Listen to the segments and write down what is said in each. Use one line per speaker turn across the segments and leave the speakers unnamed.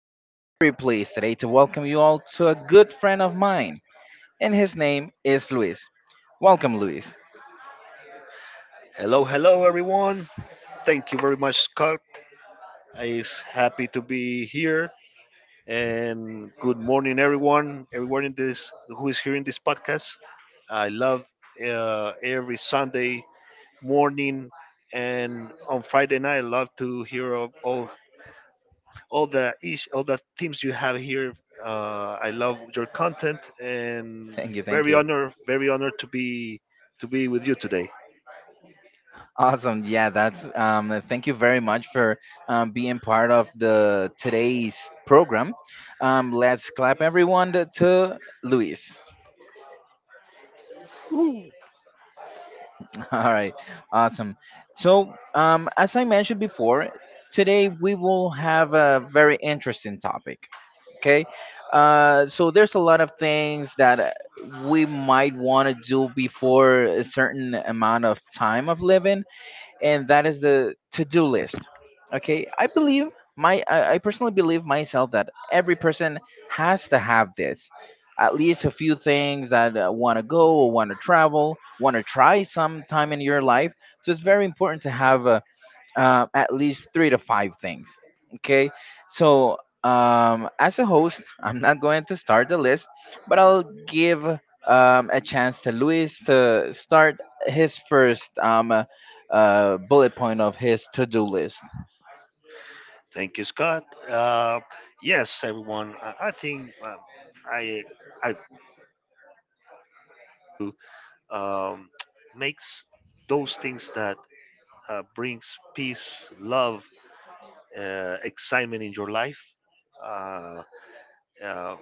And I'm very pleased today to welcome you all to a good friend of mine, and his name is Luis. Welcome, Luis.
Hello, hello, everyone. Thank you very much, Scott. I is happy to be here. And good morning, everyone. Everyone in this who is hearing this podcast. I love every Sunday morning and on Friday night. I love to hear of all the ish, all the themes you have here. I love your content and
Thank you, thank you.
very honored to be with you today.
Awesome. Yeah, that's. Thank you very much for being part of the today's program. Let's clap everyone to Luis. All right, awesome. So, as I mentioned before, today we will have a very interesting topic. Okay, so there's a lot of things that we might want to do before a certain amount of time of living, and that is the to-do list. Okay, I believe I personally believe myself that every person has to have this, at least a few things that want to go or want to travel, want to try sometime in your life. So it's very important to have a at least three to five things. Okay, so as a host, I'm not going to start the list, but I'll give a chance to Luis to start his first bullet point of his to-do list.
Thank you, Scott. Yes, everyone. I think I, I um, makes those things that brings peace, love, excitement in your life. Uh, uh,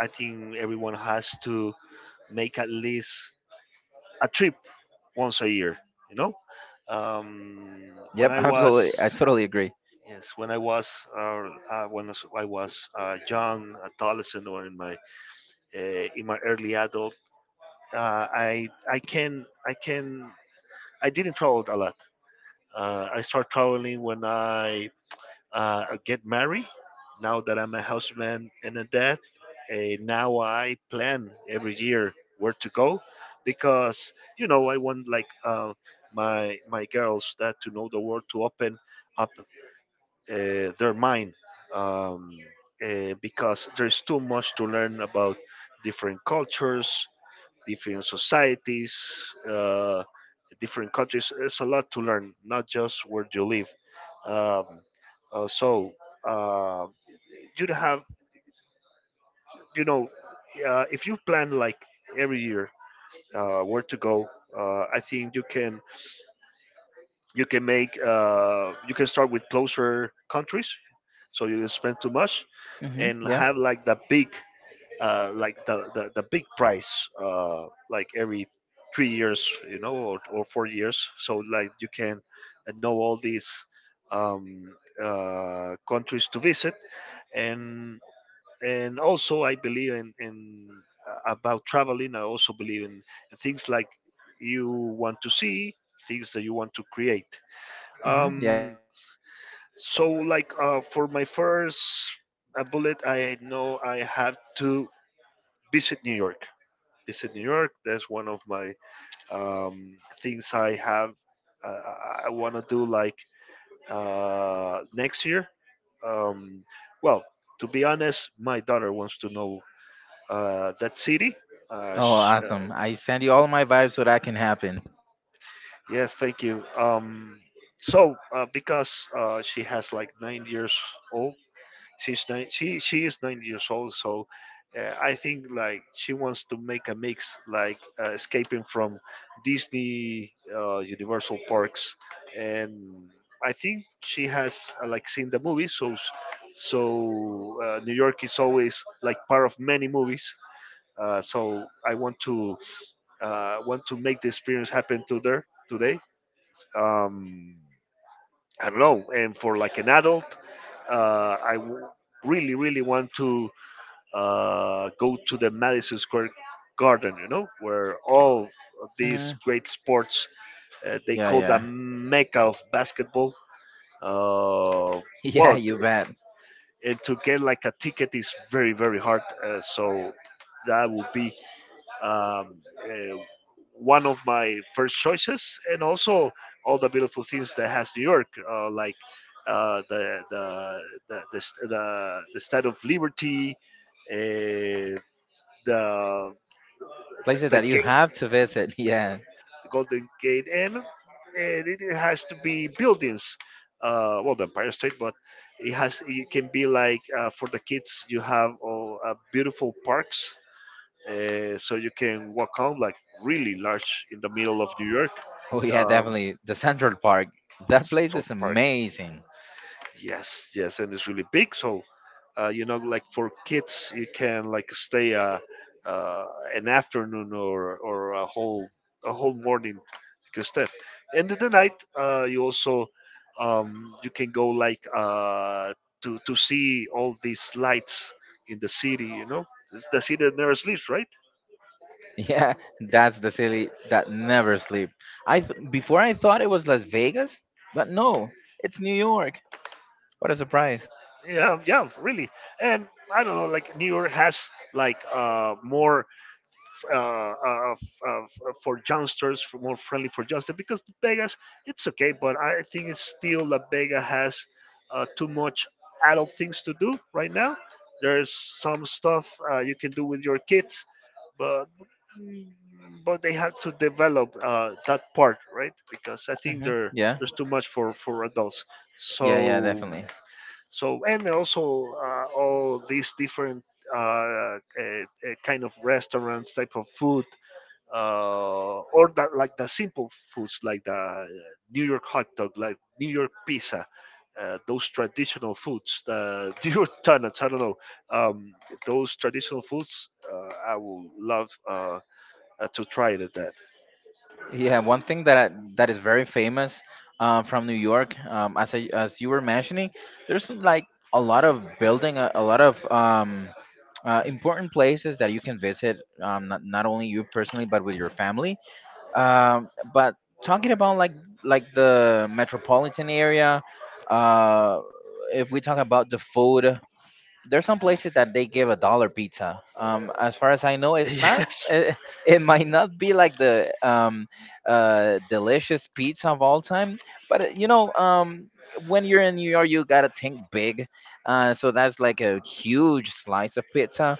I think everyone has to make at least a trip once a year. You know, um, when
Yep,
I was
absolutely. I totally agree.
yes, when I was uh, when I was young, adolescent, or uh, in my early adult. Uh, I I can I can I didn't travel a lot. I start traveling when I get married. Now that I'm a husband and a dad, now I plan every year where to go, because you know I want like my girls that to know the world, to open up their mind, um, because there's too much to learn about different cultures, different societies, uh, different countries. It's a lot to learn, not just where you live. Um, uh, so uh, you have, you know, if you plan like every year where to go, I think you can make you can start with closer countries, so you don't spend too much,
Mm-hmm.
and
Yeah.
have like the big like the big price, like every 3 years, you know, or 4 years, so like you can know all these um, countries to visit. And also I believe in about traveling. I also believe in things like you want to see things that you want to create.
Mm-hmm. Yeah.
Um, so like for my first bullet, I know I have to visit new york visit New York. That's one of my um, things I have. Uh, I want to do like next year. Um, well, to be honest, my daughter wants to know that city. Uh,
Oh,
sh- uh,
awesome! I send you all my vibes so that can happen.
yes, thank you. Because she has like 9 years old. She's nine. She is 9 years old. So I think like she wants to make a mix, like escaping from Disney, Universal parks, and I think she has like seen the movie. New York is always like part of many movies. So I want to Want to make the experience happen to there today. Um, I don't know. And for like an adult, uh, I w- really really want to go to the Madison Square Garden, you know, where all of
Hmm.
these great sports they
Yeah,
call the
yeah,
mecca of basketball. Uh,
yeah.
well, t-
You bet.
and to get like a ticket is very very hard. So that would be um, uh, one of my first choices, and also all the beautiful things that has New York, like. Uh, the, the the Statue of Liberty, uh, the the
Places
the
that you
gate,
have to visit. Yeah.
the Golden Gate Inn, and it it has to be buildings. Well, the Empire State, but it can be like for the kids. You have beautiful parks, so you can walk on like really large in the middle of New York.
Oh yeah,
Um,
definitely the Central Park. That place
Central
is
Park,
amazing.
yes, yes, and it's really big. So you know like for kids you can like stay uh, an afternoon or a whole morning you can stay, and in the night you also you can go like to see all these lights in the city, you know. It's the city that never sleeps, right?
Yeah, that's the city that never sleep. Before I thought it was Las Vegas, but no, it's New York. What a surprise.
Yeah, yeah, really. And I don't know, like New York has like more uh, uh, f- for youngsters, for more friendly for youngsters, because Vegas, it's okay, but I think it's still that Vegas has too much adult things to do right now. There's some stuff you can do with your kids, but they have to develop that part, right? Because I think
Hmm.
there
Yeah,
there's too much for adults.
yeah, yeah,
So
definitely.
and there also all these different kind of restaurants, type of food, or that like the simple foods like the New York hot dog, like New York pizza, those traditional foods, the New York donuts. I don't know, um, those traditional foods. I would love to try it. At That
Yeah, one thing that is very famous from New York, um, as you were mentioning, there's like a lot of a lot of important places that you can visit, um, not only you personally but with your family. But talking about like the metropolitan area, uh, if we talk about the food, there's some places that they give a dollar pizza. As far as I know, it's not.
yes,
It might not be like the delicious pizza of all time, but you know, when you're in New York, you gotta think big. So that's like a huge slice of pizza.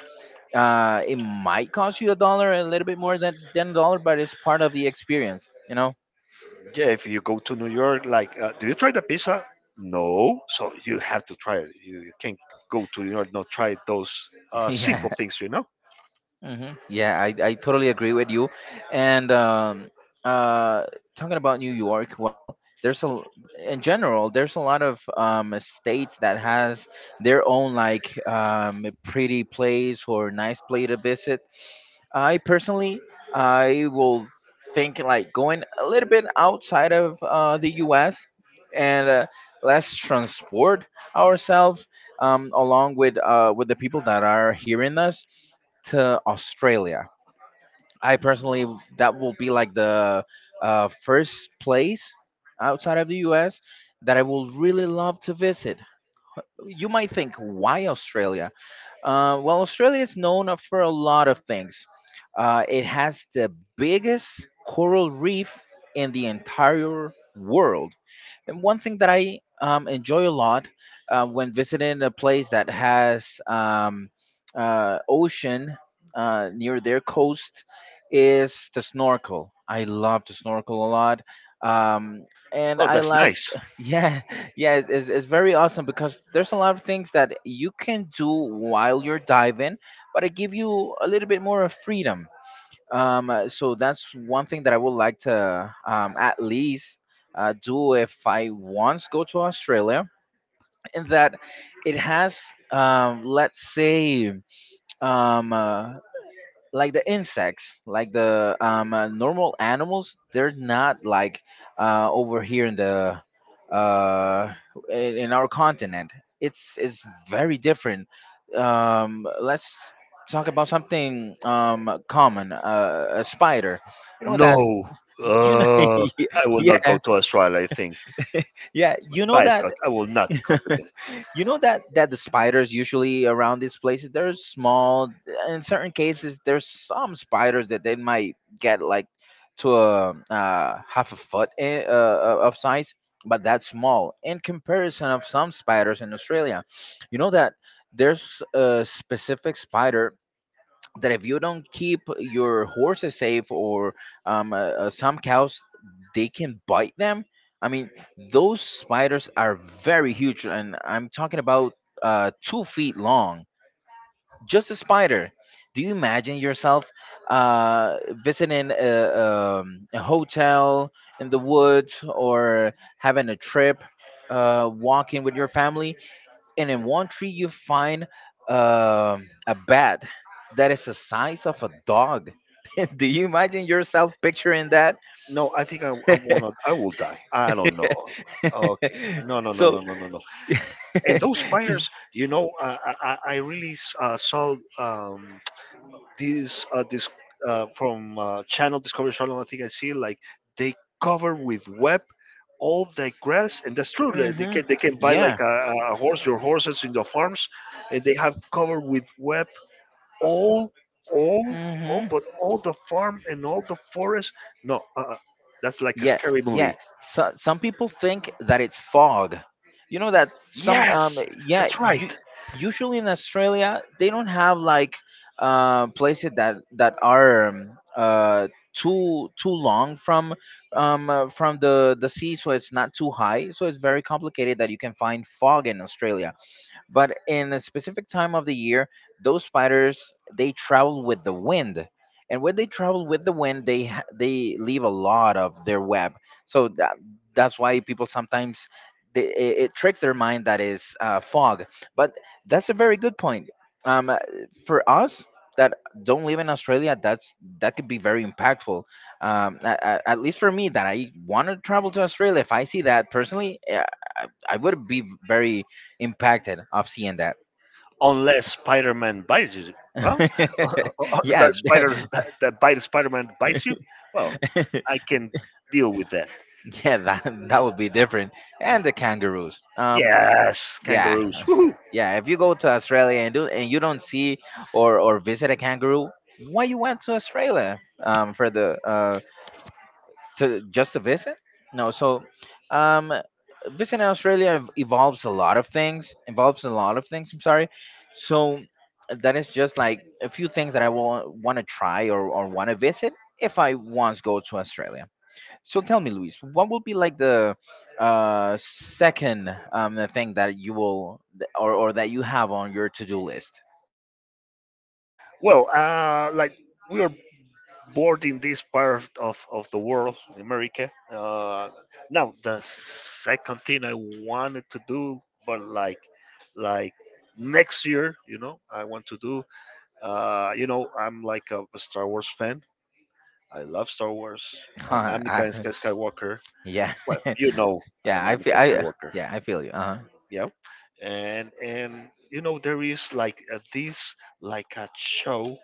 Uh, it might cost you a dollar, a little bit more than a dollar, but it's part of the experience, you know.
yeah. If you go to New York, like, do you try the pizza? No, so you have to try it. You can't go to New York not try those
Yeah.
simple things. You know.
Hmm, yeah, I totally agree with you. And uh talking about New York, there's a in general, there's a lot of states that has their own, like, um, pretty place or nice place to visit. I personally, I will think like going a little bit outside of the US, and let's transport ourselves along with the people that are hearing us to Australia. I personally, that will be like the first place outside of the U.S. that I will really love to visit. You might think, why Australia? Well, Australia is known for a lot of things. It has the biggest coral reef in the entire world. And one thing that I enjoy a lot when visiting a place that has ocean near their coast is to snorkel. I love to snorkel a lot. Um, and
Oh,
I
that's
like,
nice.
yeah, yeah, it's very awesome because there's a lot of things that you can do while you're diving, but it give you a little bit more of freedom. So that's one thing that I would like to at least do if I once go to Australia. In that, it has, let's say, um, uh, like the insects, like the normal animals, they're not like over here in the uh, in our continent. It's very different. Let's talk about something common. A spider. You know
No,
that you know.
I will not go
Yeah,
to Australia. I think,
yeah. You know
by
that.
Scott, I will not copy that.
You know that that the spiders usually around these places they're small. In certain cases, there's some spiders that they might get like to a half a foot of size, but that's small in comparison of some spiders in Australia. You know that there's a specific spider that if you don't keep your horses safe or um, uh, some cows, they can bite them. I mean, those spiders are very huge, and I'm talking about 2 feet long. Just a spider. Do you imagine yourself uh, visiting a hotel in the woods or having a trip, walking with your family, and in one tree you find a bat that is the size of a dog. Do you imagine yourself picturing that?
No, I will not. I will die. I don't know. Okay, no, no, no,
So,
no, no, no, no. And those fires, you know, I really saw these this from Channel Discovery Channel. I think I see like they cover with web all the grass, and that's true. They they
mhm,
can they can buy like
yeah.
a horse, your horses in the farms, and they have covered with web all, all, all, but all the farm and all the forest. No, that's like a
Yeah,
scary
yeah.
movie.
So, some people think that it's fog. You know that some
Yes,
yeah,
that's
you
right.
usually in Australia they don't have like places that are too too long from the sea, so it's not too high. So it's very complicated that you can find fog in Australia. But in a specific time of the year, those spiders they travel with the wind, and when they travel with the wind, they leave a lot of their web. So that that's why people sometimes it tricks their mind that is fog. But that's a very good point. Um, uh, for us that don't live in Australia, that's that could be very impactful, at least for me, that I want to travel to Australia. If I see that personally, yeah, I, I would be very impacted of seeing that.
Unless Spider-Man bites you. Well, or
Yeah,
that spider that, that bite of Spider-Man bites you.
yeah,
Well, I can deal with that.
that that would be different. And
Yeah.
the kangaroos.
Yes,
Yeah,
kangaroos. Woohoo.
yeah. If you go to Australia and do and you don't see or visit a kangaroo, why you went to Australia? For the to just to visit? No. So, um, visiting Australia evolves a lot of things. Involves a lot of things. I'm sorry. So that is just like a few things that I will want to try, or want to visit if I once go to Australia. So tell me, Luis, what will be like the second the thing that or that you have on your to-do list?
Well, like we are born in this part of the world, America. Now the second thing I wanted to do, but like like next year, you know, I want to do. You know, I'm like a Star Wars fan. I love Star Wars. I'm Anakin
I-
Skywalker.
yeah,
Well, you know, I'm
yeah, I feel
Anakin
I
Skywalker.
yeah, I feel you. Uh-huh.
Yeah, and you know there is like this like a show,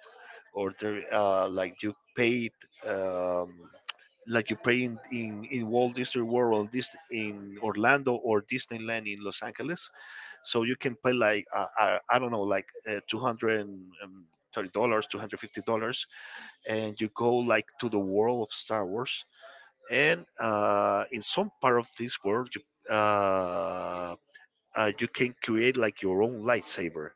or there like you paid um, like you play in Walt Disney World this in Orlando, or Disneyland in Los Angeles. So you can pay like I don't know, like two hundred and thirty dollars, $250, and you go like to the world of Star Wars. And in some part of this world, you you can create like your own lightsaber.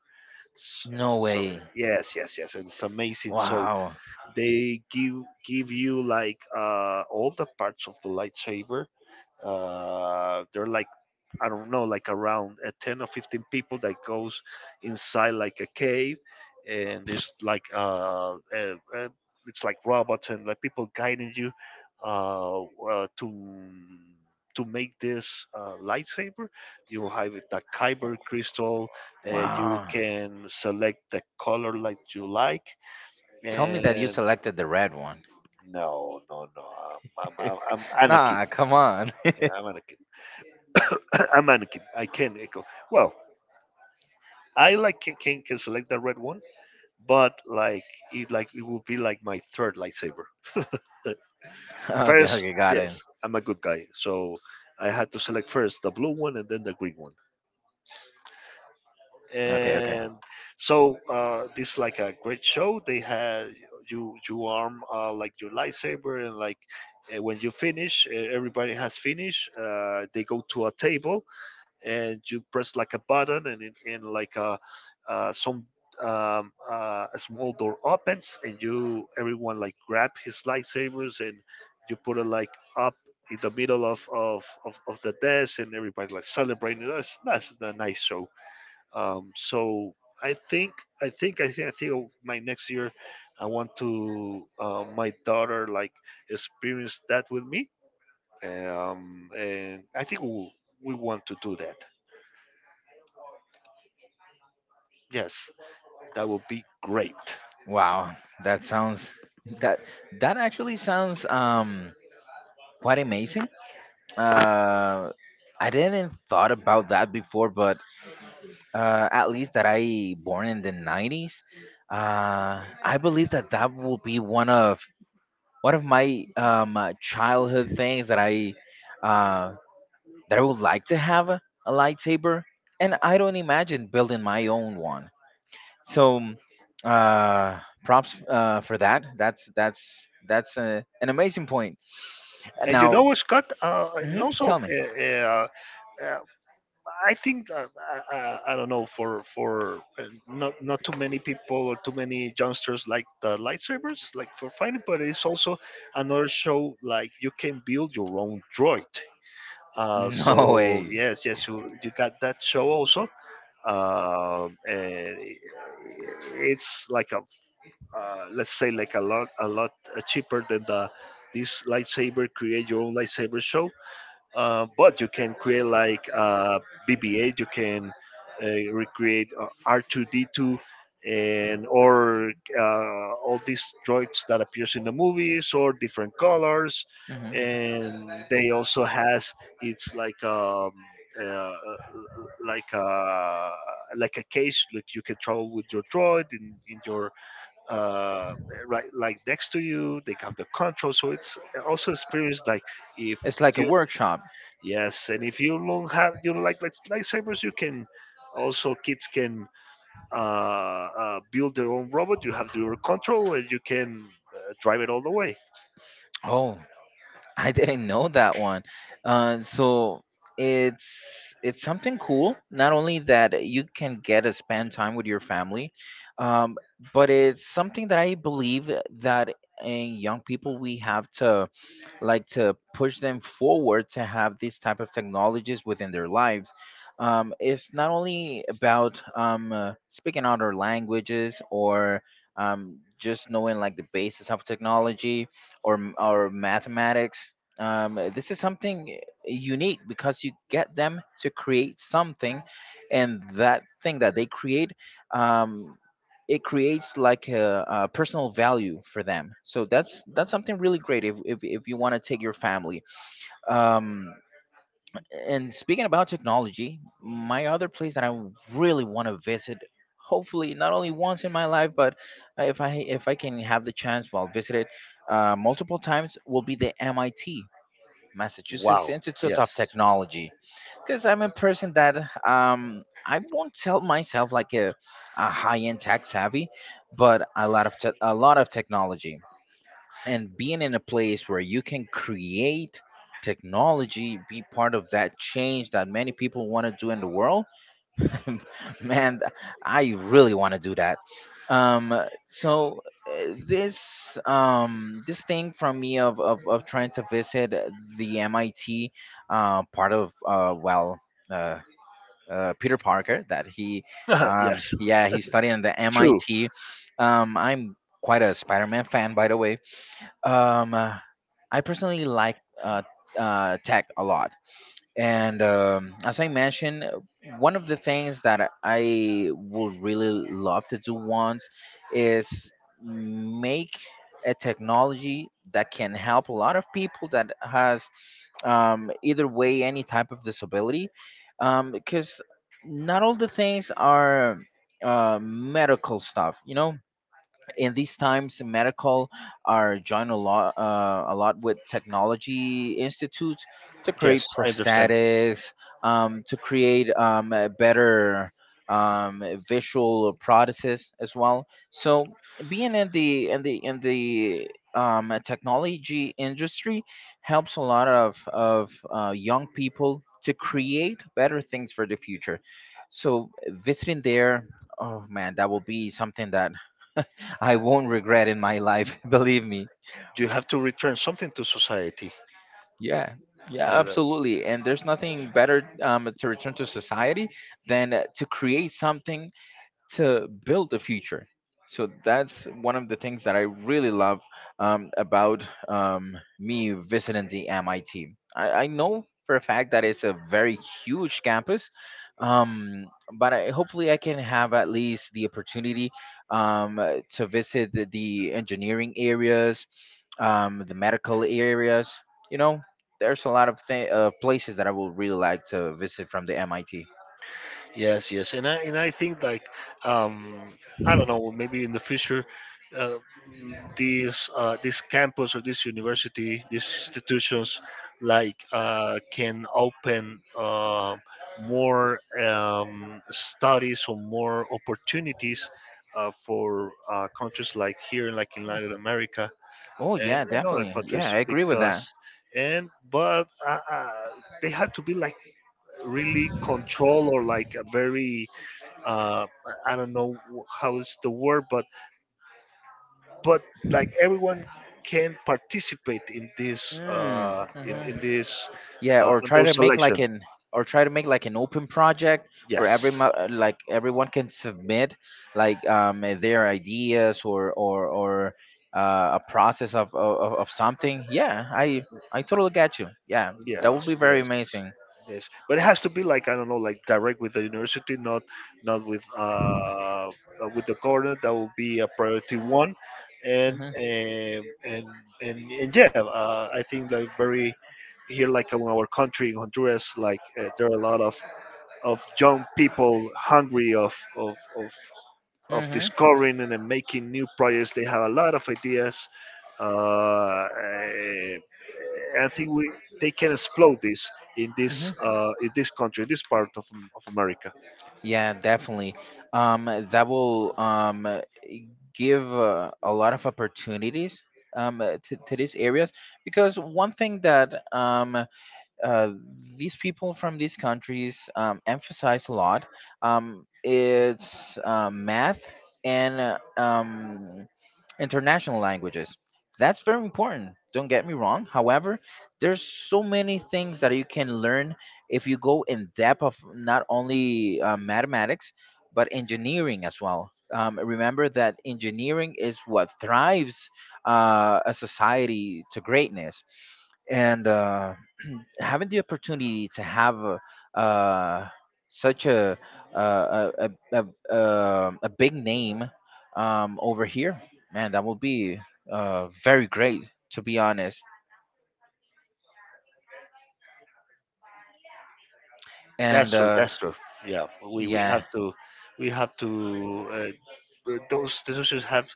S-
No
So,
way.
yes, yes, yes, and it's amazing. So
Wow.
they give you like all the parts of the lightsaber. Uh there are like, I don't know, like around 10 or 15 people that goes inside like a cave, and it's like robots and like people guiding you to make this lightsaber. You have the kyber crystal, you
Wow.
can select the color like you like.
Tell me that you
And
selected the red one.
no no no I'm I'm Anakin.
Nah, come on.
Yeah, I'm Anakin. A mannequin. I can echo. Well, I like can, can select the red one, but like it will be like my third lightsaber.
Okay,
First,
okay, got
yes,
it.
I'm a good guy, so I had to select first the blue one and then the green one.
Okay, okay.
And so this is like a great show. They had you arm like your lightsaber, and like when you finish, everybody has finished. They go to a table and you press like a button and and like a some a small door opens, and you everyone like grab his lightsabers and you put it like up in the middle of the desk, and everybody like celebrating. That's a nice show. Um, so I think I think of my next year I want to my daughter like experience that with me, and I think we want to do that, yes. That would be great.
Wow, that sounds that that actually sounds quite amazing. Uh, I didn't thought about that before, but at least that I born in the 90s. I believe that that will be one of my childhood things uh that I would like to have a lightsaber, and I don't imagine building my own one. So, props for that. That's a, an amazing point. And
And you know
now,
what, Scott?
mhm, tell me.
Uh, I think I don't know, for not too many people or too many youngsters like the lightsabers, like for fighting, but it's also another show like you can build your own droid.
No
So
way.
yes, yes, you got that show also. And it's like a let's say like a lot cheaper than the this lightsaber, create your own lightsaber show, but you can create like BB-8. You can recreate R2-D2 and or all these droids that appears in the movies, or different colors.
Mhm.
And they also has, it's uh, like a like a case. Like you can travel with your droid in, in your uh, right like next to you. They have the control, so it's also experience like if
It's like a
you
workshop.
Yes, and if you don't have, you know, like lightsabers, you can also, kids can build their own robot. You have your control and you can drive it all the way.
Oh. I didn't know that one. So it's something cool. Not only that you can get to spend time with your family, um, but it's something that I believe that in young people we have to like to push them forward to have these type of technologies within their lives. It's not only about speaking other languages or just knowing like the basis of technology or mathematics. Um, this is something unique because you get them to create something, and that thing that they create, um, it creates like a personal value for them. So that's something really great if, if you want to take your family. um, and speaking about technology, my other place that I really want to visit, hopefully not only once in my life, but if I can have the chance, well, visit it multiple times, will be the MIT, Massachusetts
Wow.
Institute
Yes.
of Technology. Because I'm a person that I won't tell myself like a high end tech savvy, but a lot of a lot of technology, and being in a place where you can create technology, be part of that change that many people want to do in the world. man th- I really want to do that. Um, so this this thing from me of of trying to visit the MIT, part of well uh Peter Parker, that he
yes.
yeah, he's studying the
True.
MIT. I'm quite a Spider-Man fan, by the way. Um, uh, I personally like uh, tech a lot. And As I mentioned, one of the things that I would really love to do once is make a technology that can help a lot of people that has either way, any type of disability, because not all the things are medical stuff, you know in these times medical are joined a lot with technology institutes to create
Yes, I understand.
prosthetics, to create a better um, visual prothesis as well. So being in the in the technology industry helps a lot of young people to create better things for the future. So visiting there, oh man, that will be something that I won't regret in my life, believe me.
You have to return something to society.
Yeah, yeah,
Yeah.
absolutely. And there's nothing better to return to society than to create something to build the future. So that's one of the things that I really love about me visiting the MIT. I, T. I know for a fact that it's a very huge campus, um, but I, hopefully I can have at least the opportunity to visit the engineering areas, the medical areas. You know, there's a lot of places that I would really like to visit from the MIT.
Yes, and I think like, um, I don't know, maybe in the future, uh, mm, these this campus or this university, these institutions, like can open more studies or more opportunities for countries like here, like in Latin America
Oh
and,
yeah,
and other
definitely. Yeah,
countries.
I agree with that.
Because and but they have to be like really control, or like a very, uh, I don't know how is the word, but like everyone can participate in this, in
Mhm.
this,
Yeah, or
in
try to
those
make like
selections.
an or try to make like an open project where
Yes,
like everyone can submit like their ideas or a process of something. Yeah, I totally get you. Yeah, that would
yes,
be very
yes,
amazing.
yes. But it has to be like, I don't know, like direct with the university, not not with with the government. That will be a priority one. and
Mm-hmm.
and and and, and yeah, I think like very, here like in our country in Honduras, like there are a lot of young people, hungry of
Mm-hmm.
discovering and then making new projects. They have a lot of ideas. Uh, eh, I think we they can explode this in this in this country, this part of America.
Yeah, definitely. Um, that will give a lot of opportunities to these areas, because one thing that uh, these people from these countries emphasize a lot is math and international languages. That's very important. Don't get me wrong. However, there's so many things that you can learn if you go in depth of not only mathematics but engineering as well. Remember that engineering is what thrives a society to greatness, and having the opportunity to have such a a big name over here, man, that will be very great, to be honest.
That's
And
true. That's true. Yeah, we, we
yeah,
have to we have to those decisions have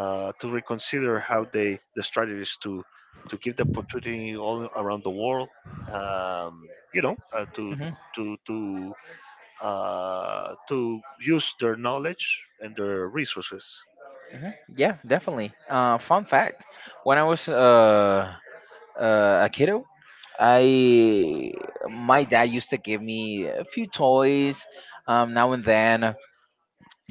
to reconsider how they, the strategies to give the opportunity all around the world. Um, you know,
hmm
to to to use their knowledge and their resources.
hmm yeah, definitely. Fun fact: when I was a kiddo, I my dad used to give me a few toys now and then.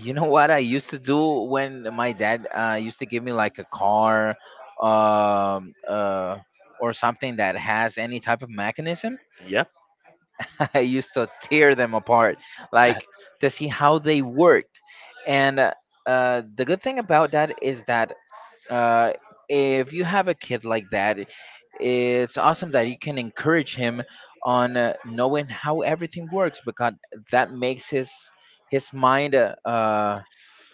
You know what I used to do when my dad used to give me like a car um, uh, or something that has any type of mechanism?
Yep.
I used to tear them apart,
Yeah.
like to see how they worked. And The good thing about that is that uh, if you have a kid like that, it's awesome that you can encourage him on knowing how everything works, because that makes his mind uh, uh,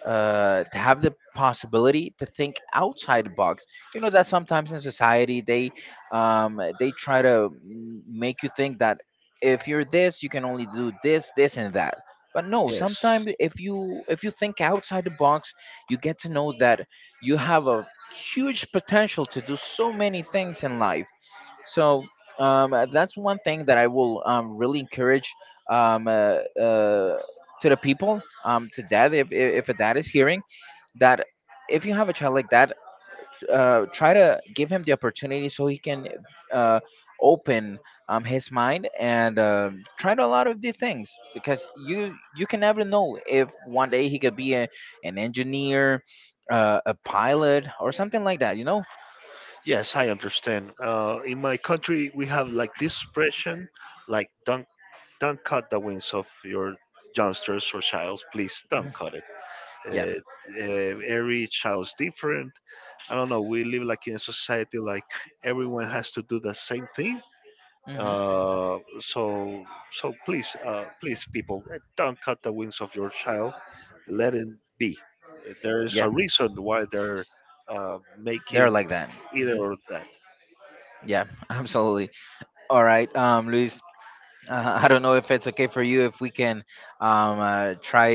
uh, to have the possibility to think outside the box. You know that sometimes in society they try to make you think that if you're this, you can only do this, this, and that. But no,
Yes.
sometimes if you think outside the box, you get to know that you have a huge potential to do so many things in life. So that's one thing that I will really encourage um, uh, uh, to the people, to dad, if a dad is hearing that, if you have a child like that, try to give him the opportunity so he can uh, open his mind and try to a lot of the things, because you can never know if one day he could be an engineer, a pilot, or something like that. You know?
Yes, I understand. In my country, we have like this expression, like don't cut the wings of your youngsters or childs. Please don't
Mhm.
cut it.
Yeah.
Every child's different. I don't know. We live like in a society like everyone has to do the same thing.
hmm
Uh, so so please, please, people, don't cut the wings of your child. Let it be. There is
Yeah.
a reason why they're
They're
making
like that.
either
Hmm
or that.
Yeah. Absolutely. All right, Luis. I don't know if it's okay for you if we can try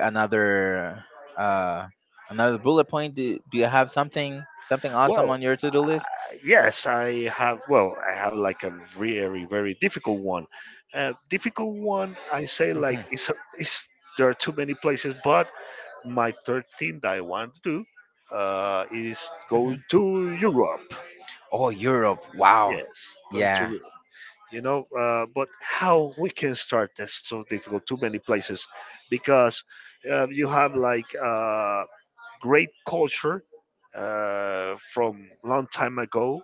another uh, another bullet point. Do you have something something awesome
Well,
on your to do list?
yes, I have. Well, I have like a very, very difficult one. Difficult one, I say like
Hmm
it's there are too many places, but my third thing that I want to do is go
hmm
to Europe.
Oh, Europe! Wow,
Yes, going to
yeah,
Europe. You know, but how we can start? That's so difficult. Too many places, because you have like, uh, great culture from long time ago,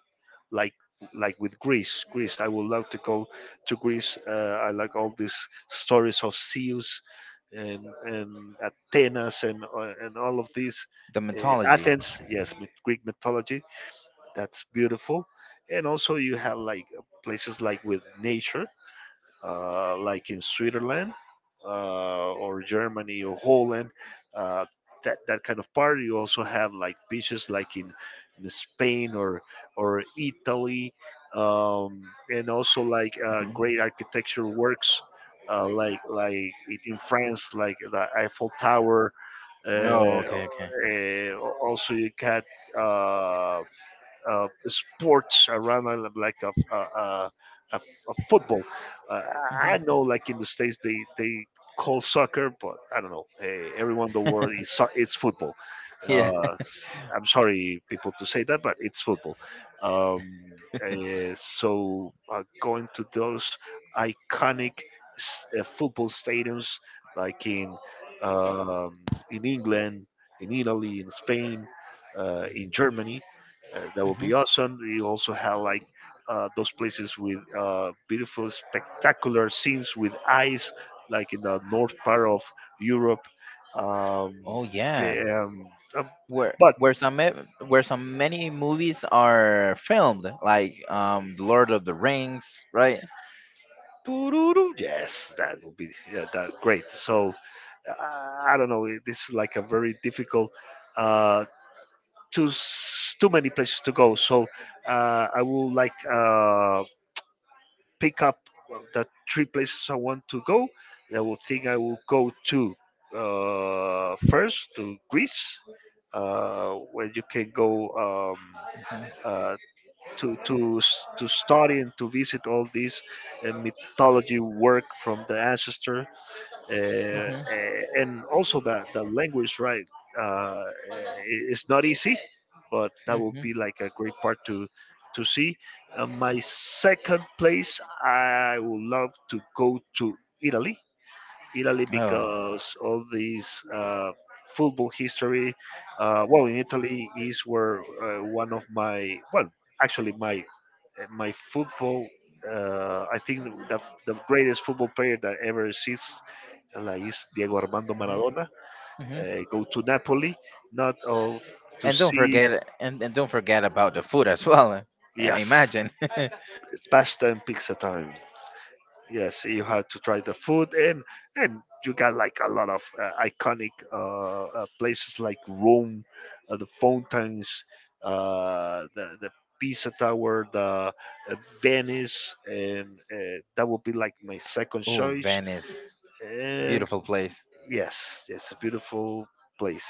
like like with Greece. Greece, I would love to go to Greece. I like all these stories of Zeus and Athenas, and and all of these.
the mythology.
Athens, yes, myth- Greek mythology. That's beautiful. And also you have like places like with nature, like in Switzerland, or Germany or Holland. Uh, that, that kind of part. You also have like beaches like in Spain or Italy, um, and also like
Mhm.
great architecture works. Like in France, like the Eiffel Tower. Uh,
Oh, okay, okay,
uh, also, you got uh, sports around, rather than like a, a football. Uh, I know, like in the states, they call soccer, but I don't know, eh, everyone in the world is so- it's football.
yeah.
S- I'm sorry, people, to say that, but it's football. Um, eh, so going to those iconic s- football stadiums, like um, in England, in Italy, in Spain, in Germany. That would
hmm
be awesome. You also have like those places with beautiful, spectacular scenes with ice, like in the north part of Europe. Um,
Oh, yeah.
um, um,
Where
but
where some ma- where some many movies are filmed, like The Lord of the Rings, right?
Tururu, yes, that would be, yeah, that great. So uh, I don't know, it- this is like a very difficult. Uh, too s- too many places to go. So I would like, uh, pick up, well, the three places I want to go. I will go to first to Greece, where you can go uh, to s- to study and to visit all these mythology work from the ancestor. uh,
hmm
a- and also that the language, right? uh, I- it's not easy, but that will
hmm
be like a great part to see. Uh, my second place I would love to go to, Italy. Italy, because all these football history. Well, in Italy is where one of my, well, actually my my football, I think the greatest football player that ever exists like is Diego Armando Maradona.
Oh.
Uh, go to Napoli, not all to see.
And don't forget about the food as well. I
Yes,
imagine.
pasta and pizza time. Yes, you had to try the food. And you got like a lot of iconic places like Rome, the fountains, the Pisa Tower, the uh, Venice, and that would be like my second
Oh,
choice.
Venice,
And
beautiful place.
yes, it's a beautiful place.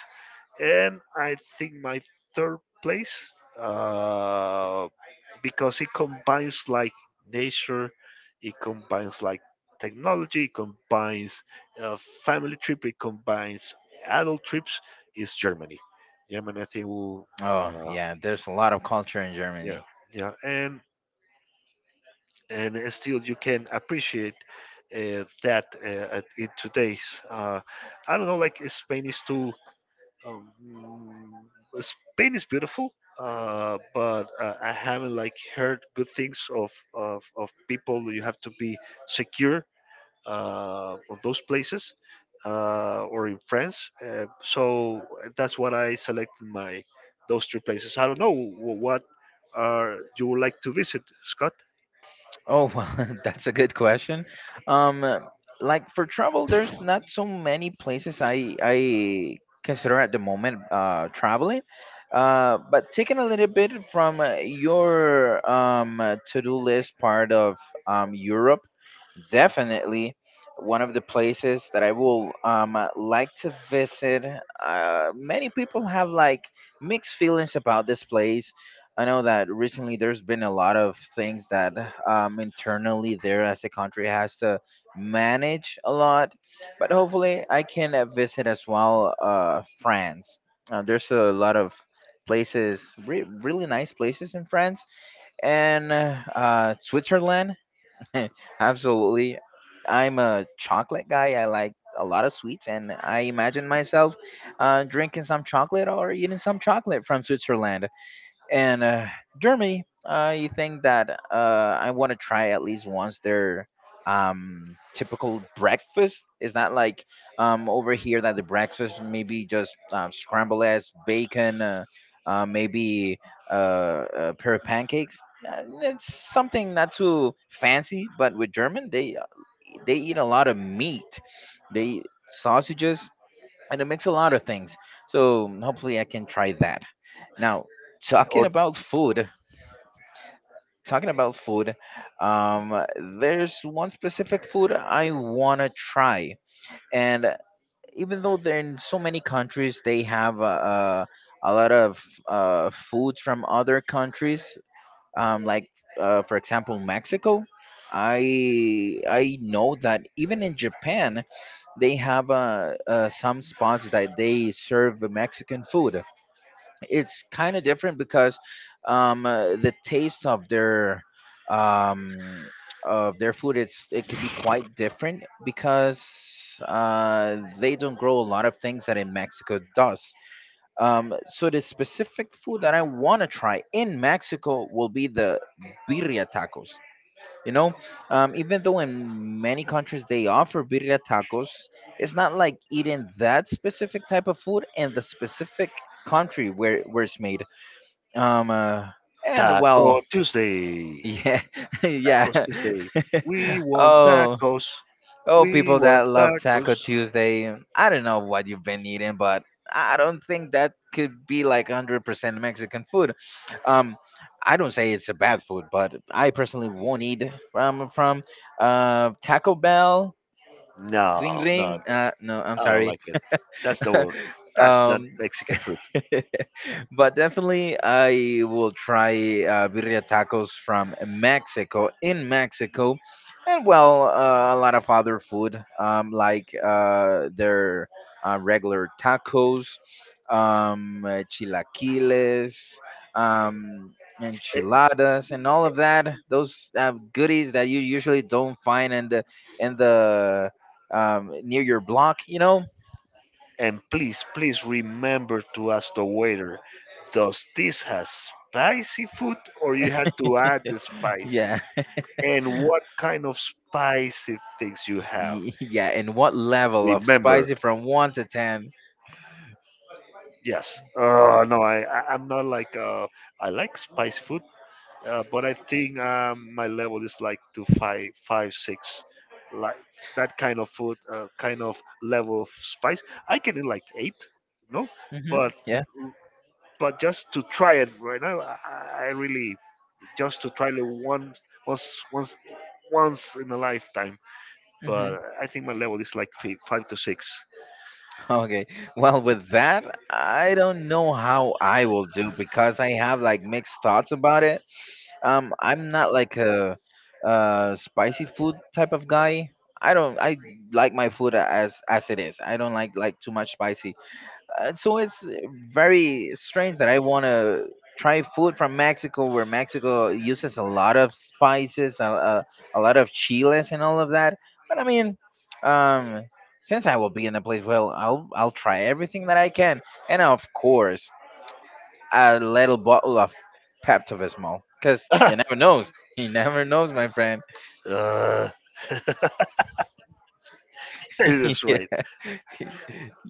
And I think my third place, uh, because it combines like nature, it combines like technology, it combines uh, family trip, it combines adult trips, is Germany. Germany, I think will
Oh yeah, there's a lot of culture in
yeah,
Germany.
yeah. And still you can appreciate, that at- in today's, uh, I don't know, like Spain is too, um, Spain is beautiful, but I haven't like heard good things of people. You have to be secure on those places, or in France. So that's what I selected, my those three places. I don't know wh- what are you would like to visit, Scott?
Oh, well, that's a good question. Um, uh, like for travel, there's not so many places I consider at the moment traveling. But taking a little bit from your to-do list part of Europe, definitely one of the places that I will like to visit. Many people have like mixed feelings about this place. I know that recently there's been a lot of things that internally there as a country has to manage a lot, but hopefully I can visit as well France. There's a lot of places, really nice places in France and Switzerland. Absolutely. I'm a chocolate guy. I like a lot of sweets, and I imagine myself drinking some chocolate or eating some chocolate from Switzerland. And Germany, I think that I want to try at least once their typical breakfast. It's not like over here that the breakfast maybe just scrambled eggs, bacon, maybe a pair of pancakes. It's something not too fancy, but with German, they eat a lot of meat. They eat sausages, and it makes a lot of things. So hopefully I can try that. Now, talking
Or
about food, talking about food, um, there's one specific food I wanna try, and even though they're in so many countries, they have a lot of foods from other countries, like for example Mexico. I know that even in Japan they have some spots that they serve Mexican food. It's kind of different because the taste um, of their food, it's it could be quite different because they don't grow a lot of things that in Mexico does. So the specific food that I want to try in Mexico will be the birria tacos. You know, even though in many countries they offer birria tacos, it's not like eating that specific type of food in the specific country where it's made. Um, uh, and
Taco
well,
Tuesday.
yeah,
Tacos
yeah.
Tuesday. We want
Oh,
tacos.
oh,
We
people
want
that love
tacos.
Taco Tuesday. I don't know what you've been eating, but I don't think that could be like 100% Mexican food. Um, I don't say it's a bad food, but I personally won't eat from Taco Bell. Ring
No, no,
ring. No, I'm
I don't
sorry.
like it. That's the, that's not
um.
Mexican food.
But definitely, I will try birria tacos from Mexico, in Mexico, and well, a lot of other food like their regular tacos, chilaquiles, um,
A-
enchiladas, and all of that. Those goodies that you usually don't find in the near your block, you know?
and please, please remember to ask the waiter, does this has spicy food, or you had to add the spicy?
Yeah.
And what kind of spicy things you have?
Yeah, and what level of
Remember,
spicy from 1 to 10?
yes. Oh no, I- I'm not like uh, I like spicy food, but I think my level is like to five, five, six, like that kind of food, kind of level of spice. I can eat like eight, no,
Hmm
but
Yeah.
but just to try it right now, I really, just to try it once, once, once, once in a lifetime.
hmm
But I think my level is like fi- five to six.
Okay. Well, with that, I don't know how I will do because I have like mixed thoughts about it. I'm not like a spicy food type of guy. I don't. I like my food as it is. I don't like too much spicy. So it's very strange that I want to try food from Mexico, where Mexico uses a lot of spices, a lot of chiles, and all of that. But I mean, um, since I will be in the place, well, I'll try everything that I can, and of course, a little bottle of Pepto-Bismol, because
uh,
you never knows. You never knows, my friend.
that's right.
yeah,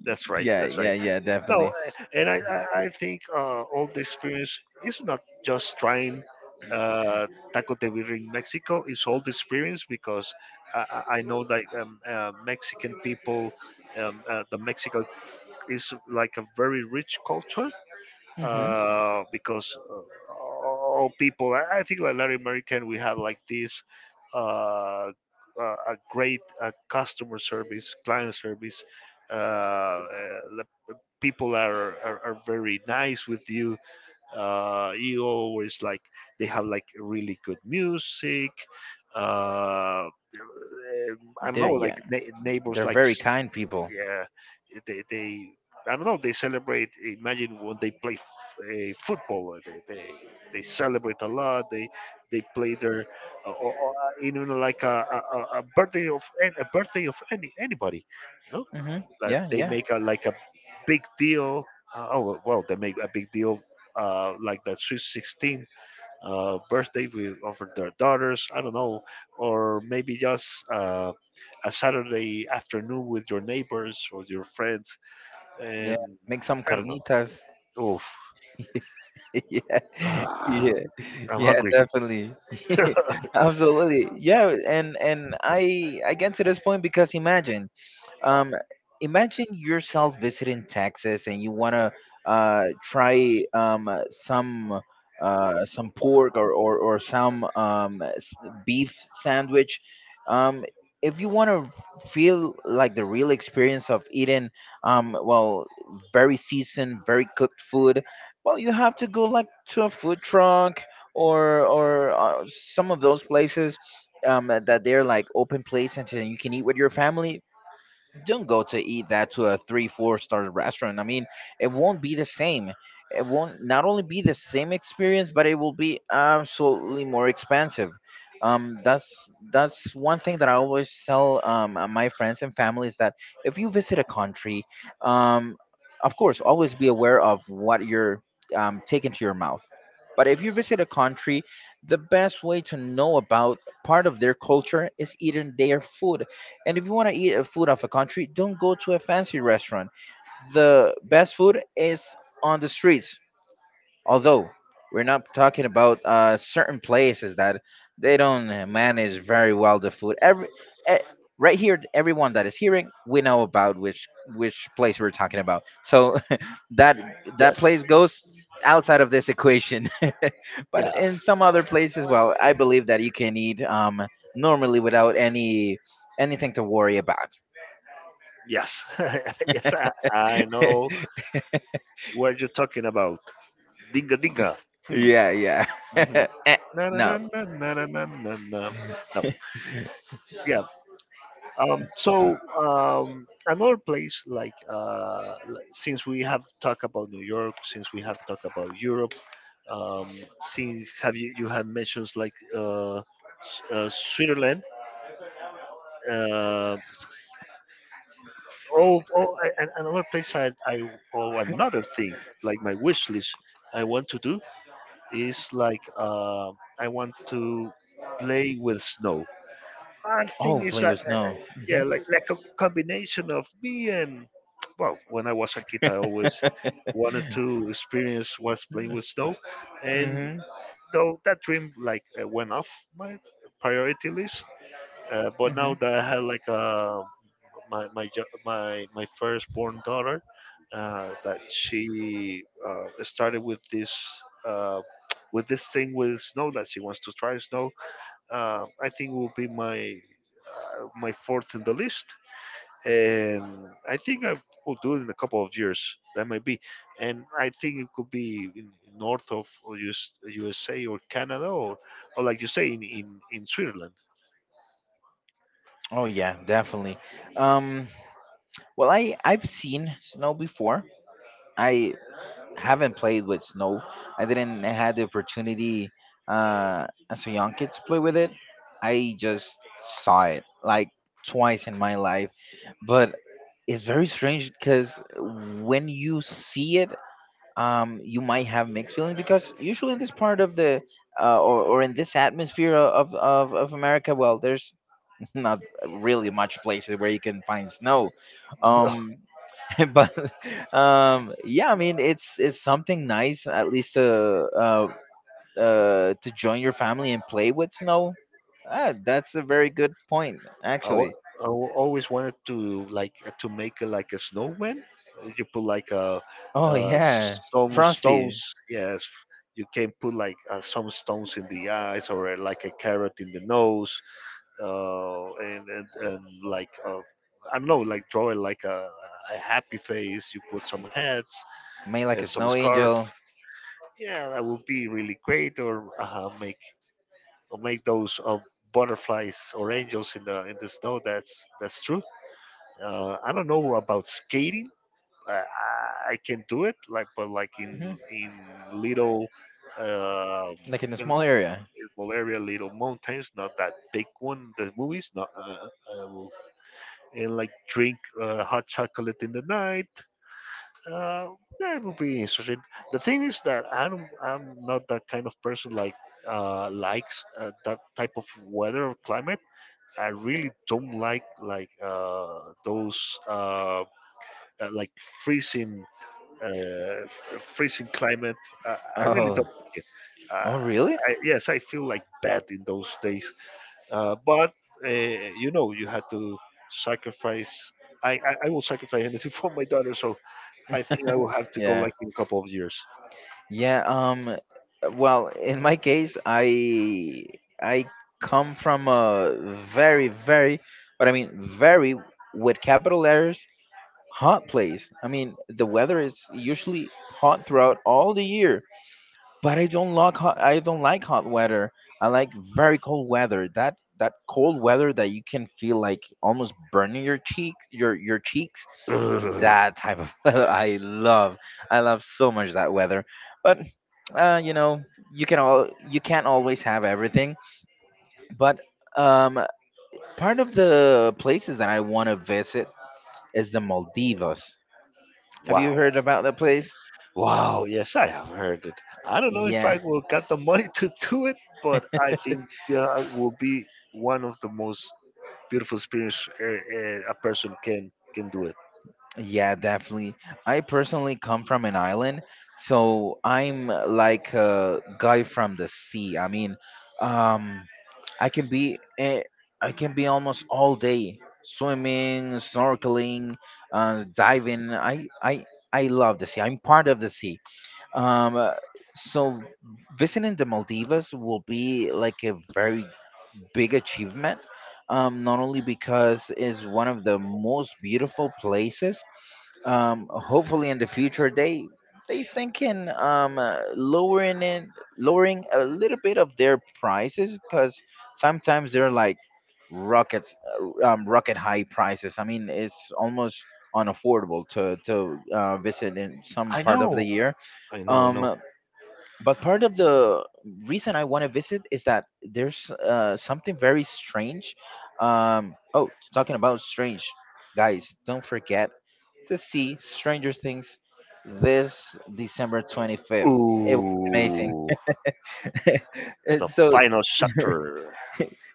That's right. That's right.
yeah,
No,
definitely.
and I think all the experience is not just trying uh, taco de birria in Mexico. It's all the experience because I know like Mexican people, the Mexico is like a very rich culture,
Mm-hmm.
because all people. I think like Latin American, we have like this. Uh, a great customer service, client service, uh, uh, people are very nice with you, you always like, they have like really good music. uh, um, I don't
They're
know like,
yeah,
ne- neighbors
they're
like
very
s-
kind people.
yeah, they, I don't know, they celebrate. Imagine when they play f- football, eh, they celebrate a lot, they play their, you know, like a birthday of an- a birthday of any anybody,
Mm-hmm.
like
Yeah,
they
yeah,
make a like a big deal. Oh well, they make a big deal like the Sweet 16 birthday with over their daughters. I don't know, or maybe just uh, a Saturday afternoon with your neighbors or your friends.
yeah.
And
Make some
I don't know.
carnitas.
Oof,
yeah,
ah,
yeah,
I'm
yeah,
hungry.
definitely. Absolutely. Yeah, and I get to this point because imagine. Um, Imagine yourself visiting Texas and you wanna try some pork or some beef sandwich. Um, if you want to feel like the real experience of eating um, well, very seasoned, very cooked food, well, you have to go like to a food truck or some of those places that they're like open place, and then you can eat with your family. Don't go to eat that to a three four star restaurant. I mean, it won't be the same. It won't not only be the same experience, but it will be absolutely more expensive. That's one thing that I always tell my friends and family, is that if you visit a country, um of course, always be aware of what you're taking to your mouth. But if you visit a country, the best way to know about part of their culture is eating their food. And if you want to eat a food of a country, don't go to a fancy restaurant. The best food is on the streets. Although, we're not talking about certain places that they don't manage very well the food. Every eh, right here, everyone that is hearing, we know about which place we're talking about. So that that
Yes,
place goes outside of this equation. But
yes,
in some other places, well, I believe that you can eat normally without anything to worry about.
yes, yes. I know what you're talking about. Dinga dinga. Hmm.
Yeah, yeah. Eh,
Na na na
no.
na na na na na, na. No, yeah. Um, so um, another place like uh, li- since we have talked about New York, since we have talked about Europe, um, since have you, you have mentioned like Switzerland. Uh, oh, oh, I- and another place I oh, another thing like my wish list I want to do is like I want to play with snow. I think
Oh,
it's
play
that.
with snow.
Yeah, like a combination of me, and well, when I was a kid, I
Mhm.
always wanted to experience what's playing with snow, and
Mm-hmm.
though that dream like went off my priority list, but now
Mm-hmm.
that I had like my my jo- my firstborn daughter, that she started with this. Uh, with this thing with snow that she wants to try snow, I think will be my my fourth in the list and I think I will do it in a couple of years. That might be, and I think it could be in north of or US, USA or Canada or like you say in Switzerland.
Oh yeah, definitely. Um, well, I I've seen snow before. I haven't played with snow. I didn't had the opportunity as a young kid to play with it. I just saw it like twice in my life, but it's very strange because when you see it, you might have mixed feelings because usually in this part of the or in this atmosphere of America, well, there's not really much places where you can find snow. um but yeah, I mean, it's something nice, at least uh to join your family and play with snow. Ah, that's a very good point
I, wa-
actually.
I always wanted to like to make like a snowman. You put like a
Oh
uh,
yeah.
some
Frosty.
stones. Yes, you can put like some stones in the eyes or like a carrot in the nose and like I don't know, like drawing like a happy face. You put some hats
Made like
and
a
some
snow
scarf.
angel.
Yeah, that would be really great. Or make those butterflies or angels in the snow. That's true. I don't know about skating. I can do it, like but like
Hmm.
in little. Um,
Like in a
in,
small area.
in Bulgaria, little mountains, not that big one. The movies, not, uh, and like drink hot chocolate in the night. Uh, that would be interesting. The thing is that I don't, I'm not that kind of person like likes that type of weather or climate. I really don't like those uh, like freezing uh, freezing climate. I really
Oh.
don't like it. Uh,
Oh really.
yes, I feel like bad in those days. But you had to sacrifice. I will sacrifice anything for my daughter, so I think I will have to go
Yeah.
like in a couple of years.
Yeah, well, in my case, I come from a very, very, but I mean very, with capital letters, hot place. I mean, the weather is usually hot throughout all the year, but I don't like hot. I don't like hot weather. I like very cold weather. That, that cold weather that you can feel like almost burning your cheek, your cheeks,
Ugh,
that type of weather I love. I love so much that weather. But you know, you can't always have everything. But um, part of the places that I want to visit is the maldivas. Have you
wow,
heard about the place?
wow, yes, I have heard it. I don't know if
Yeah.
I will get the money to do it, but I think that will be one of the most beautiful experience a person can do it.
Yeah, definitely. I personally come from an island, so I'm like a guy from the sea. I mean, um, I can be I can be almost all day swimming, snorkeling, diving. I I love the sea. I'm part of the sea. Um, uh, so visiting the Maldives will be like a very big achievement. Not only because it's one of the most beautiful places, hopefully in the future they they thinking lowering a little bit of their prices, because sometimes they're like rockets. Rocket high prices, I mean, it's almost unaffordable to visit in some
I
part of the
know,
year.
I know, I know.
um but part of the reason I want to visit is that there's something very strange. Oh, talking about strange, guys, don't forget to see Stranger Things this December 25th. It will be amazing.
Ooh,
And
the
so,
final chapter.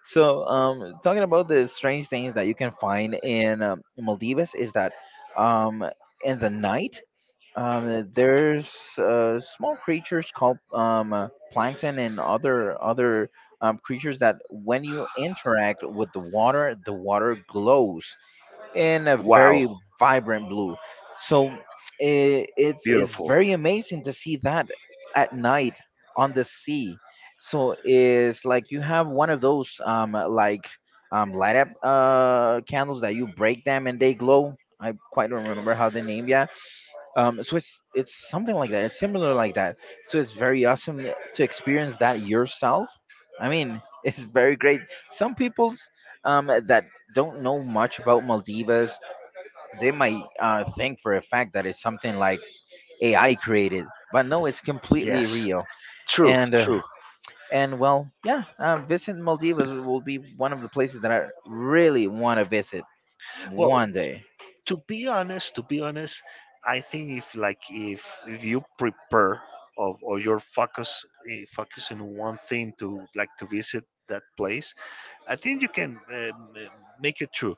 so talking about the strange things that you can find in Maldives is that um, in the night there's small creatures called plankton and other creatures that when you interact with the water glows in a very
Wow,
vibrant blue. So I it's
beautiful.
very amazing to see that at night on the sea. So it's like you have one of those light up candles that you break them and they glow. I quite don't remember how they name. Yeah, so it's something like that. It's similar like that. So it's very awesome to experience that yourself. I mean, it's very great. Some people's that don't know much about maldivas, they might think for a fact that it's something like ai created, but no, it's completely
Yes.
real.
True,
And
true.
well, yeah, visit maldivas will be one of the places that I really want to visit
Well,
one day.
to be honest, I think if like if you prepare of or your focus in one thing to like to visit that place, I think you can make it true.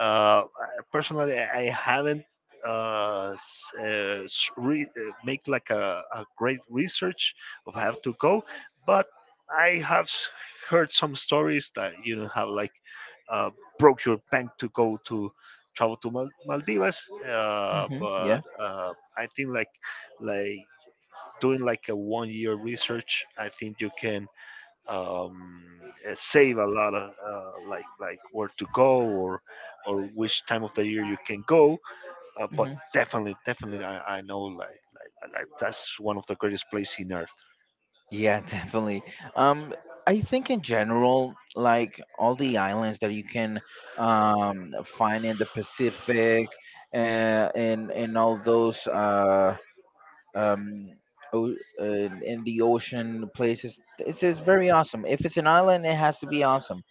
Personally, I haven't make like a great research of have to go, but I have heard some stories that have like uh, broke your bank to go to travel to Maldives.
Hmm
But
yeah.
I think like like doing like a one year research, I think you can um, save a lot of like where to go or which time of the year you can go. But definitely, definitely, I know like that's one of the greatest places in Earth.
Yeah, definitely. Um, I think in general, like all the islands that you can find in the Pacific, and all those um, in the ocean places. It's very awesome. If it's an island, it has to be awesome.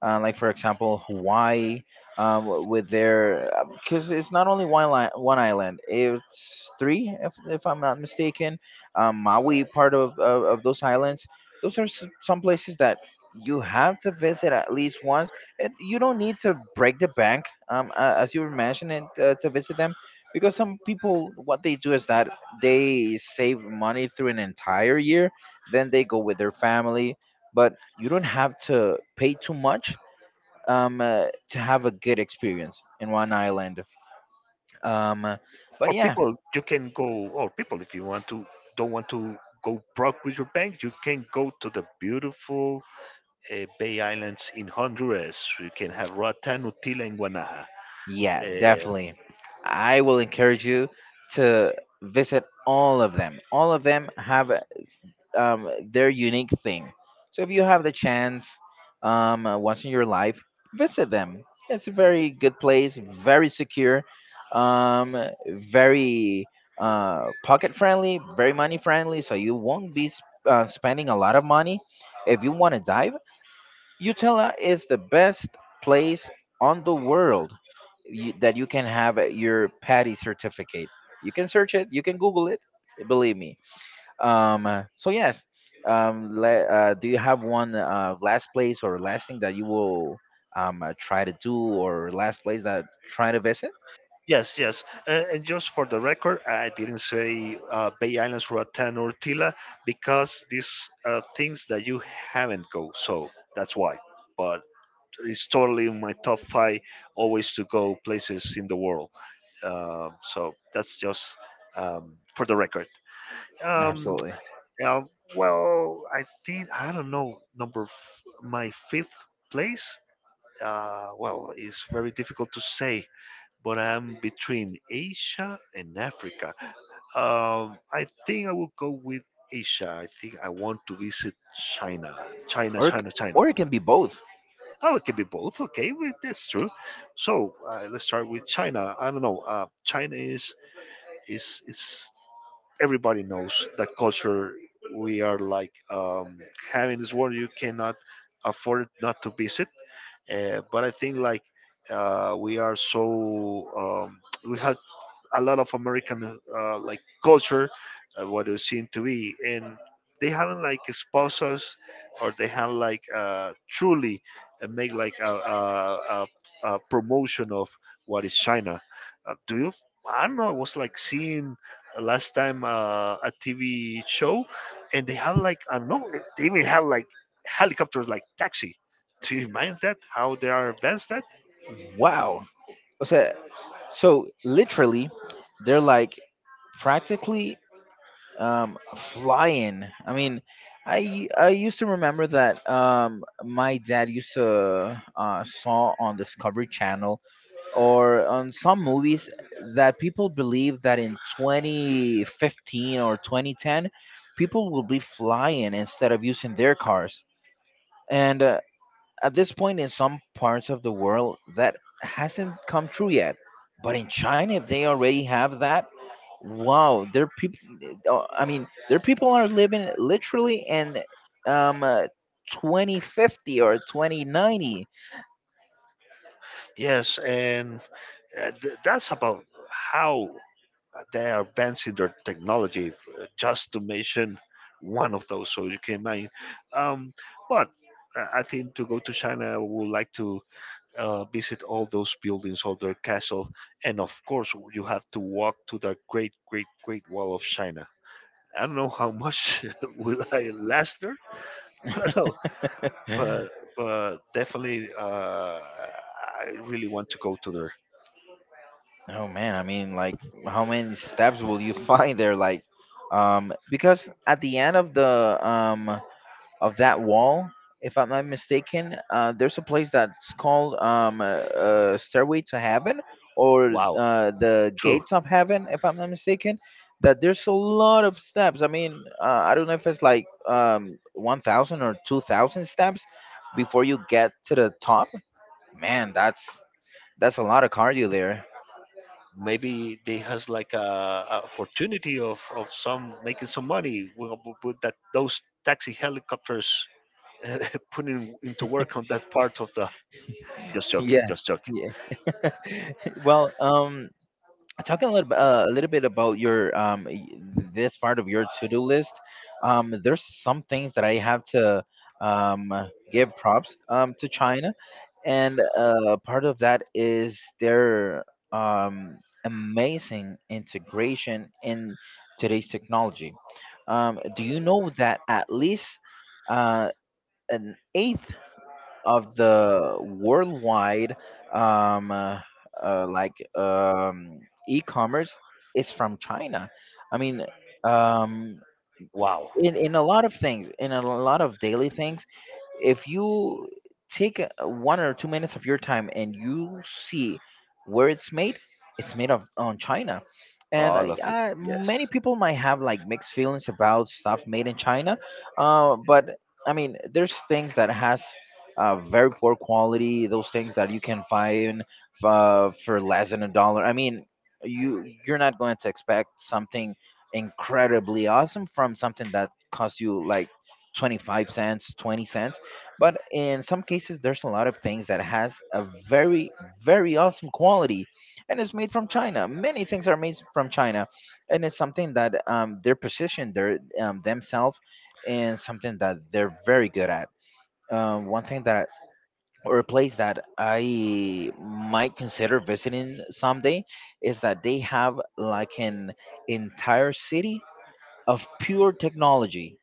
Like for example, Hawaii, with their, because it's not only one island. It's three, if I'm not mistaken. Maui part of those islands. Those are some places that you have to visit at least once. And you don't need to break the bank, as you were mentioning, to visit them because some people what they do is that they save money through an entire year, then they go with their family, but you don't have to pay too much to have a good experience in one island. um, uh, but
Or
yeah.
people, you can go. Or people, if you don't want to go broke with your bank, you can go to the beautiful Bay Islands in Honduras. You can have Roatán, Utila, and Guanaja.
Yeah,
Uh,
definitely. I will encourage you to visit all of them. All of them have their unique thing. So if you have the chance once in your life, visit them. It's a very good place, very secure, um, very pocket friendly, very money friendly. So you won't be spending a lot of money. If you want to dive, Utella is the best place on the world, you, that you can have your patty certificate. You can search it, you can Google it. Believe me, so yes, do you have one last place or last thing that you will try to do, or last place that try to visit?
Yes, yes. And just for the record, I didn't say Bay Islands, Roatan, or Tila because these are things that you haven't go. So that's why. But it's totally in my top five always to go places in the world. So that's just for the record. Um,
Absolutely.
uh, well, I think, I don't know, my fifth place. Well, it's very difficult to say but I'm between Asia and Africa. I think I will go with Asia. I think I want to visit China. China,
Or it c-
China, China.
or it can be both.
Oh, it can be both. Okay, well, that's true. So let's start with China. I don't know. China is everybody knows that culture. We are like having this world you cannot afford not to visit. But I think like we are so we have a lot of American like culture, what it seemed to be, and they haven't like exposed us, or they have like truly make like a promotion of what is China. Do you? I don't know. I was like seeing last time a TV show, and they have like I don't know. They even have like helicopters like taxi. Do you mind that? How they are advanced that?
Wow. O so literally, they're like practically flying. I mean, I used to remember that my dad used to saw on Discovery Channel or on some movies that people believe that in 2015 or 2010 people will be flying instead of using their cars, and at this point, in some parts of the world, that hasn't come true yet. But in China, if they already have that, wow, their people, I mean, their people are living literally in um, uh, 2050 or 2090.
Yes, and that's about how they are advancing their technology, just to mention one of those. So you can imagine. Um, but I think to go to China, I would like to visit all those buildings, all their castles, and of course, you have to walk to the great, great, great wall of China. I don't know how much will I last there, but I know. But but definitely, I really want to go to there.
Oh man, I mean, like, how many steps will you find there? Like, because at the end of the of that wall, if I'm not mistaken, there's a place that's called Stairway to Heaven, or
Wow,
the
true.
Gates of Heaven, if I'm not mistaken. That there's a lot of steps. I mean, I don't know if it's like 1,000 or 2,000 steps before you get to the top. Man, that's a lot of cardio there.
Maybe they has like a opportunity of some making some money with that those taxi helicopters putting into work on that part of the just joking,
Yeah,
just joking.
yeah. Well, talking a little, a little bit about your this part of your to-do list, there's some things that I have to um give props to China. And part of that is their um amazing integration in today's technology. Um, do you know that at least uh an eighth of the worldwide um, uh, uh, like um, e-commerce is from China. I mean, um,
Wow,
in a lot of things, in a lot of daily things, if you one or two minutes of your time and you see where it's made, it's made of on china. And
all of it,
yeah,
yes.
many people might have like mixed feelings about stuff made in china, but I mean, there's things that has very poor quality. Those things that you can find for less than a dollar, I mean, you you're not going to expect something incredibly awesome from something that costs you like 25¢, 20¢. But in some cases, there's a lot of things that has a very, very awesome quality, and it's made from china. Many things are made from china, and it's something that they're positioned their themselves in something that they're very good at. One thing that, or a place that I might consider visiting someday, is that they have like an entire city of pure technology.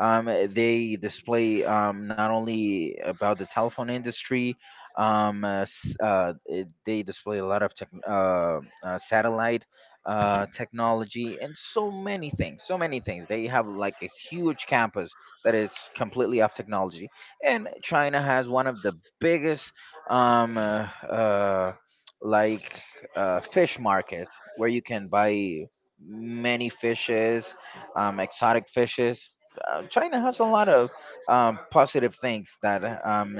They display not only about the telephone industry, they display a lot of tech, satellite technology and so many things. So many things. They have like a huge campus that is completely of technology, and China has one of the biggest um, uh, uh, like fish markets where you can buy many fishes, exotic fishes. China has a lot of positive things that um,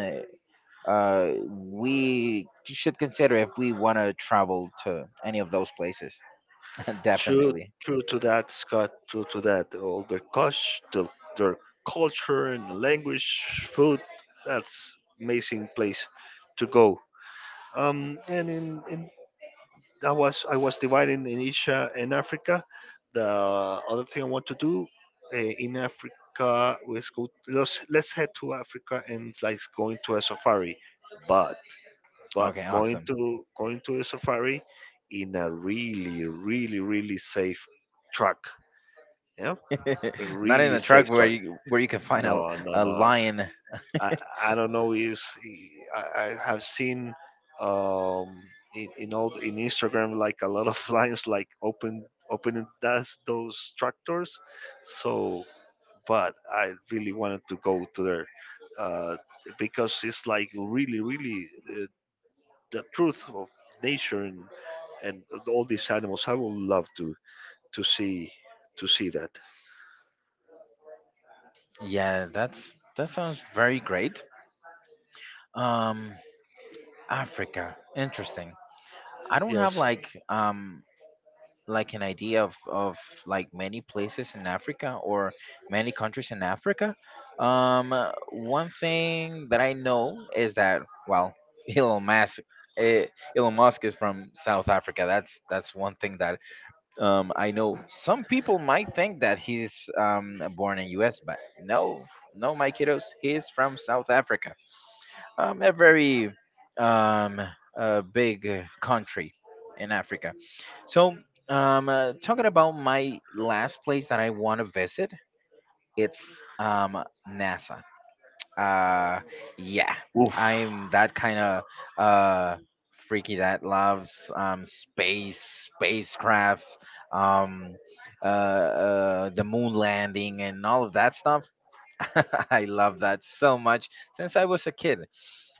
uh, we should consider if we want to travel to any of those places.
True,
Definitely.
true to that, Scott. True to that, all their cost, their, their culture and language food, that's amazing place to go. And in, in I was dividing in Asia and Africa. The other thing I want to do in Africa was go. Let's head to Africa and like going to a safari, but but
Okay,
going
awesome.
to going to a safari in a really really really safe truck. Yeah, a
Not in
really
a
safe
truck where
truck.
you can find
No, no,
a
no.
lion.
I, I don't know is I have seen um, in in Instagram like a lot of lines like opening that's those tractors. So, but I really wanted to go to there uh, because it's like really really uh, the truth of nature and all these animals. I would love to see to see that.
Yeah, that sounds very great. Um, Africa, interesting. I don't have
Yes.
like an idea of like many places in Africa or many countries in Africa. One thing that I know is that well, Elon Musk, eh, Elon Musk is from South Africa. That's one thing that I know. Some people might think that he's born in U.S., but no, no, my kiddos, he is from South Africa. A very um a big country in Africa. So, talking about my last place that I want to visit, it's um NASA. Uh, yeah,
Oof.
I'm that kind of uh freaky that loves space, spacecraft, um, the moon landing and all of that stuff. I love that so much since I was a kid.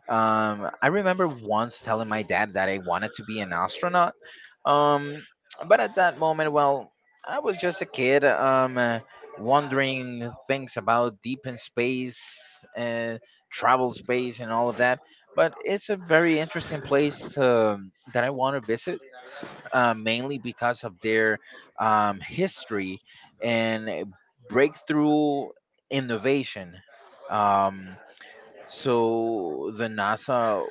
I remember once telling my dad that I wanted to be an astronaut. Um, but at that moment, well, I was just a kid, wondering things about deep in space, travel space, and all of that. But it's a very interesting place to, that I want to visit, mainly because of their history and breakthrough innovation. Um, so the NASA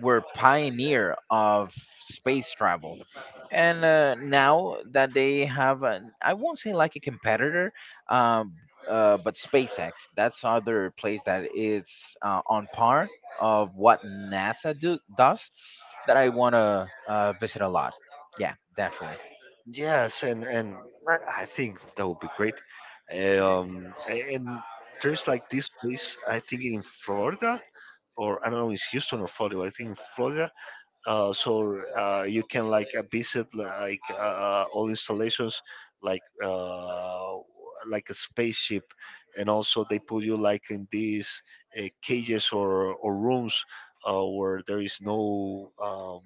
were pioneer of space travel. And now that they have, I won't say like a competitor, um, but SpaceX, that's other place that is on par of what NASA does that I want to visit a lot. Yeah, definitely.
Yes, and I think that would be great. Um, and there's like this place I think in Florida, or I don't know, it's Houston or Florida. I think in Florida so you can like visit like all installations like uh, like a spaceship and also they put you like in these cages or rooms where there is no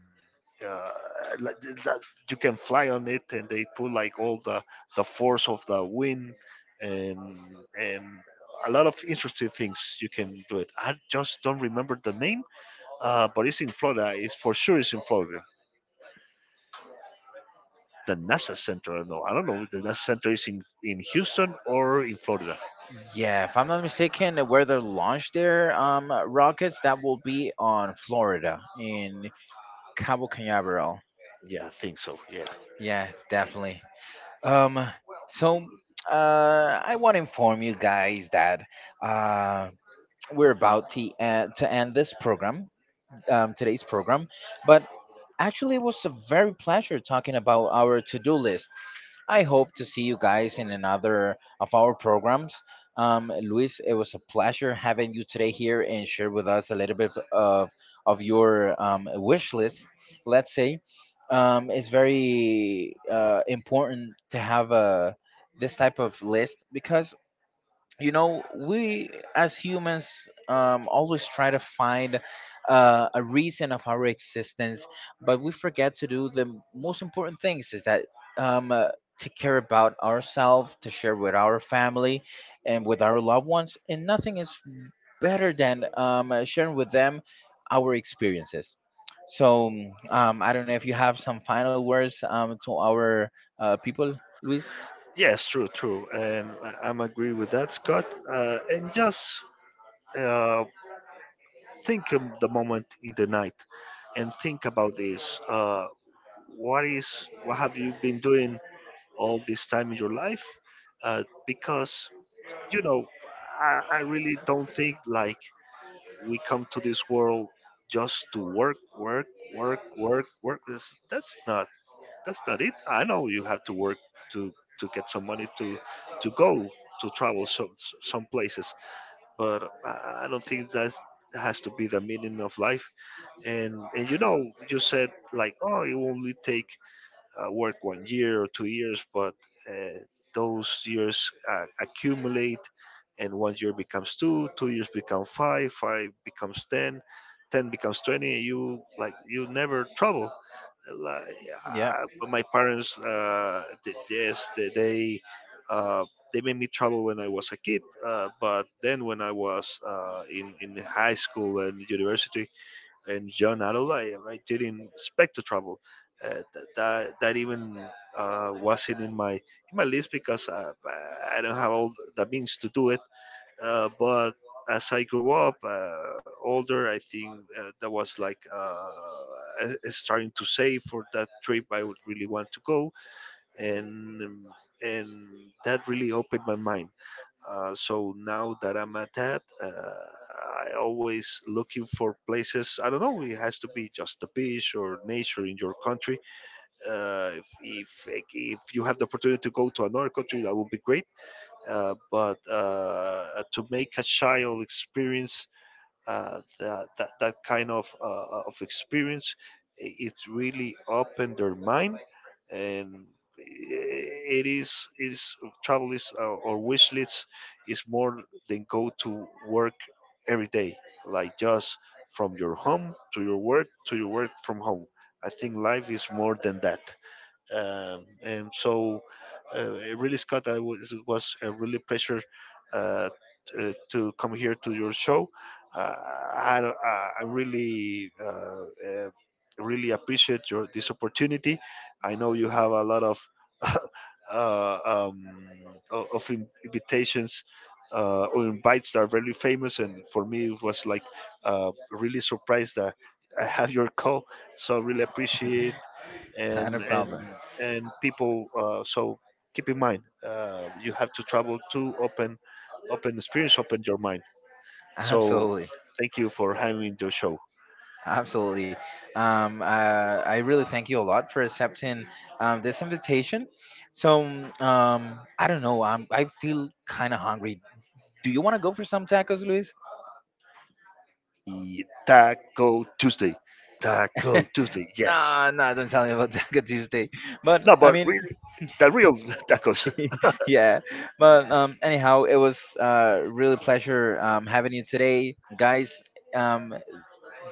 uh, like that you can fly on it and they put like all the force of the wind and and a lot of interesting things you can do it, I just don't remember the name, but it's in Florida. It's for sure it's in Florida. The NASA Center. I don't know. I don't know if The NASA Center is in Houston or in Florida.
Yeah, if I'm not mistaken, where they launch their rockets, that will be on Florida in Cabo Canaveral.
Yeah, I think so. Yeah.
Yeah, definitely. Um, so I want to inform you guys that uh, we're about to to end this program, today's program. But actually, it was a very pleasure talking about our to-do list. I hope to see you guys in another of our programs. Luis, it was a pleasure having you today here and share with us a little bit of your wish list. Let's say it's very important to have a this type of list because you know we as humans always try to find a reason of our existence but we forget to do the most important things is that um, uh, to care about ourselves to share with our family and with our loved ones and nothing is better than sharing with them our experiences so I don't know if you have some final words to our people, Luis.
Yes, true, true. And I'm agree with that, Scott. And just uh, think of the moment in the night and think about this. What is what have you been doing all this time in your life? Because you know, I really don't think like we come to this world just to work, work, work, work, work. That's not it. I know you have to work to to get some money to go to travel some places, but I don't think that's has to be the meaning of life. And you said like, oh, it will only take work one year or 2 years, but uh, those years accumulate, and one year becomes two, 2 years become five, five becomes 10, 10 becomes 20, and you never trouble. Like,
Yeah.
but my parents, yes, uh, they made me trouble when I was a kid, but then when I was in high school and university, and John Adelaide. I didn't expect to travel. That even wasn't in my list because I don't have all the means to do it. But as I grew up older, I think that was like I starting to save for that trip. I would really want to go, and um, and that really opened my mind, so now that I'm at that, I always looking for places. I don't know. It has to be just the beach or nature in your country. If you have the opportunity to go to another country, that would be great. But to make a child experience that kind of experience, it really opened their mind and it is travel is, or wish lists is, more than go to work every day, like just from your home to your work from home. I think life is more than that. And so, it really Scott, it was a really pleasure uh, to come here to your show. Uh, I, don't- I I really uh, really appreciate your this opportunity. I know you have a lot of uh, um, invitations, or invites that are really famous and for me it was like really surprised that I have your call, so really appreciate,
Not
and
a
and
problem.
and people. So keep in mind, you have to travel to open experience, open your mind. So
Absolutely.
thank you for having your show.
Absolutely. Um, uh, I really thank you a lot for accepting this invitation. So, I don't know. I feel kind of hungry. Do you want to go for some tacos, Luis?
The Taco Tuesday, Taco Tuesday. Yes.
Nah, nah, don't tell me about Taco Tuesday. But
No,
I
but
mean,
really, the real tacos.
yeah. But anyhow, it was really pleasure having you today, guys. Um,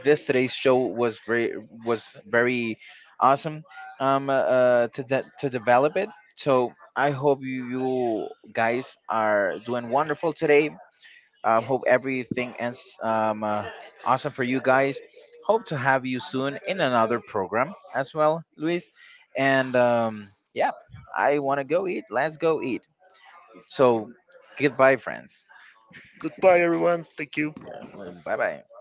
this today's show was very awesome to to develop it. So I hope you, you guys are doing wonderful today. Um, hope everything ends awesome for you guys. Hope to have you soon in another program as well, Luis. And yeah, I want to go eat. Let's go eat. So goodbye, friends.
Goodbye, everyone. Thank you.
Bye bye.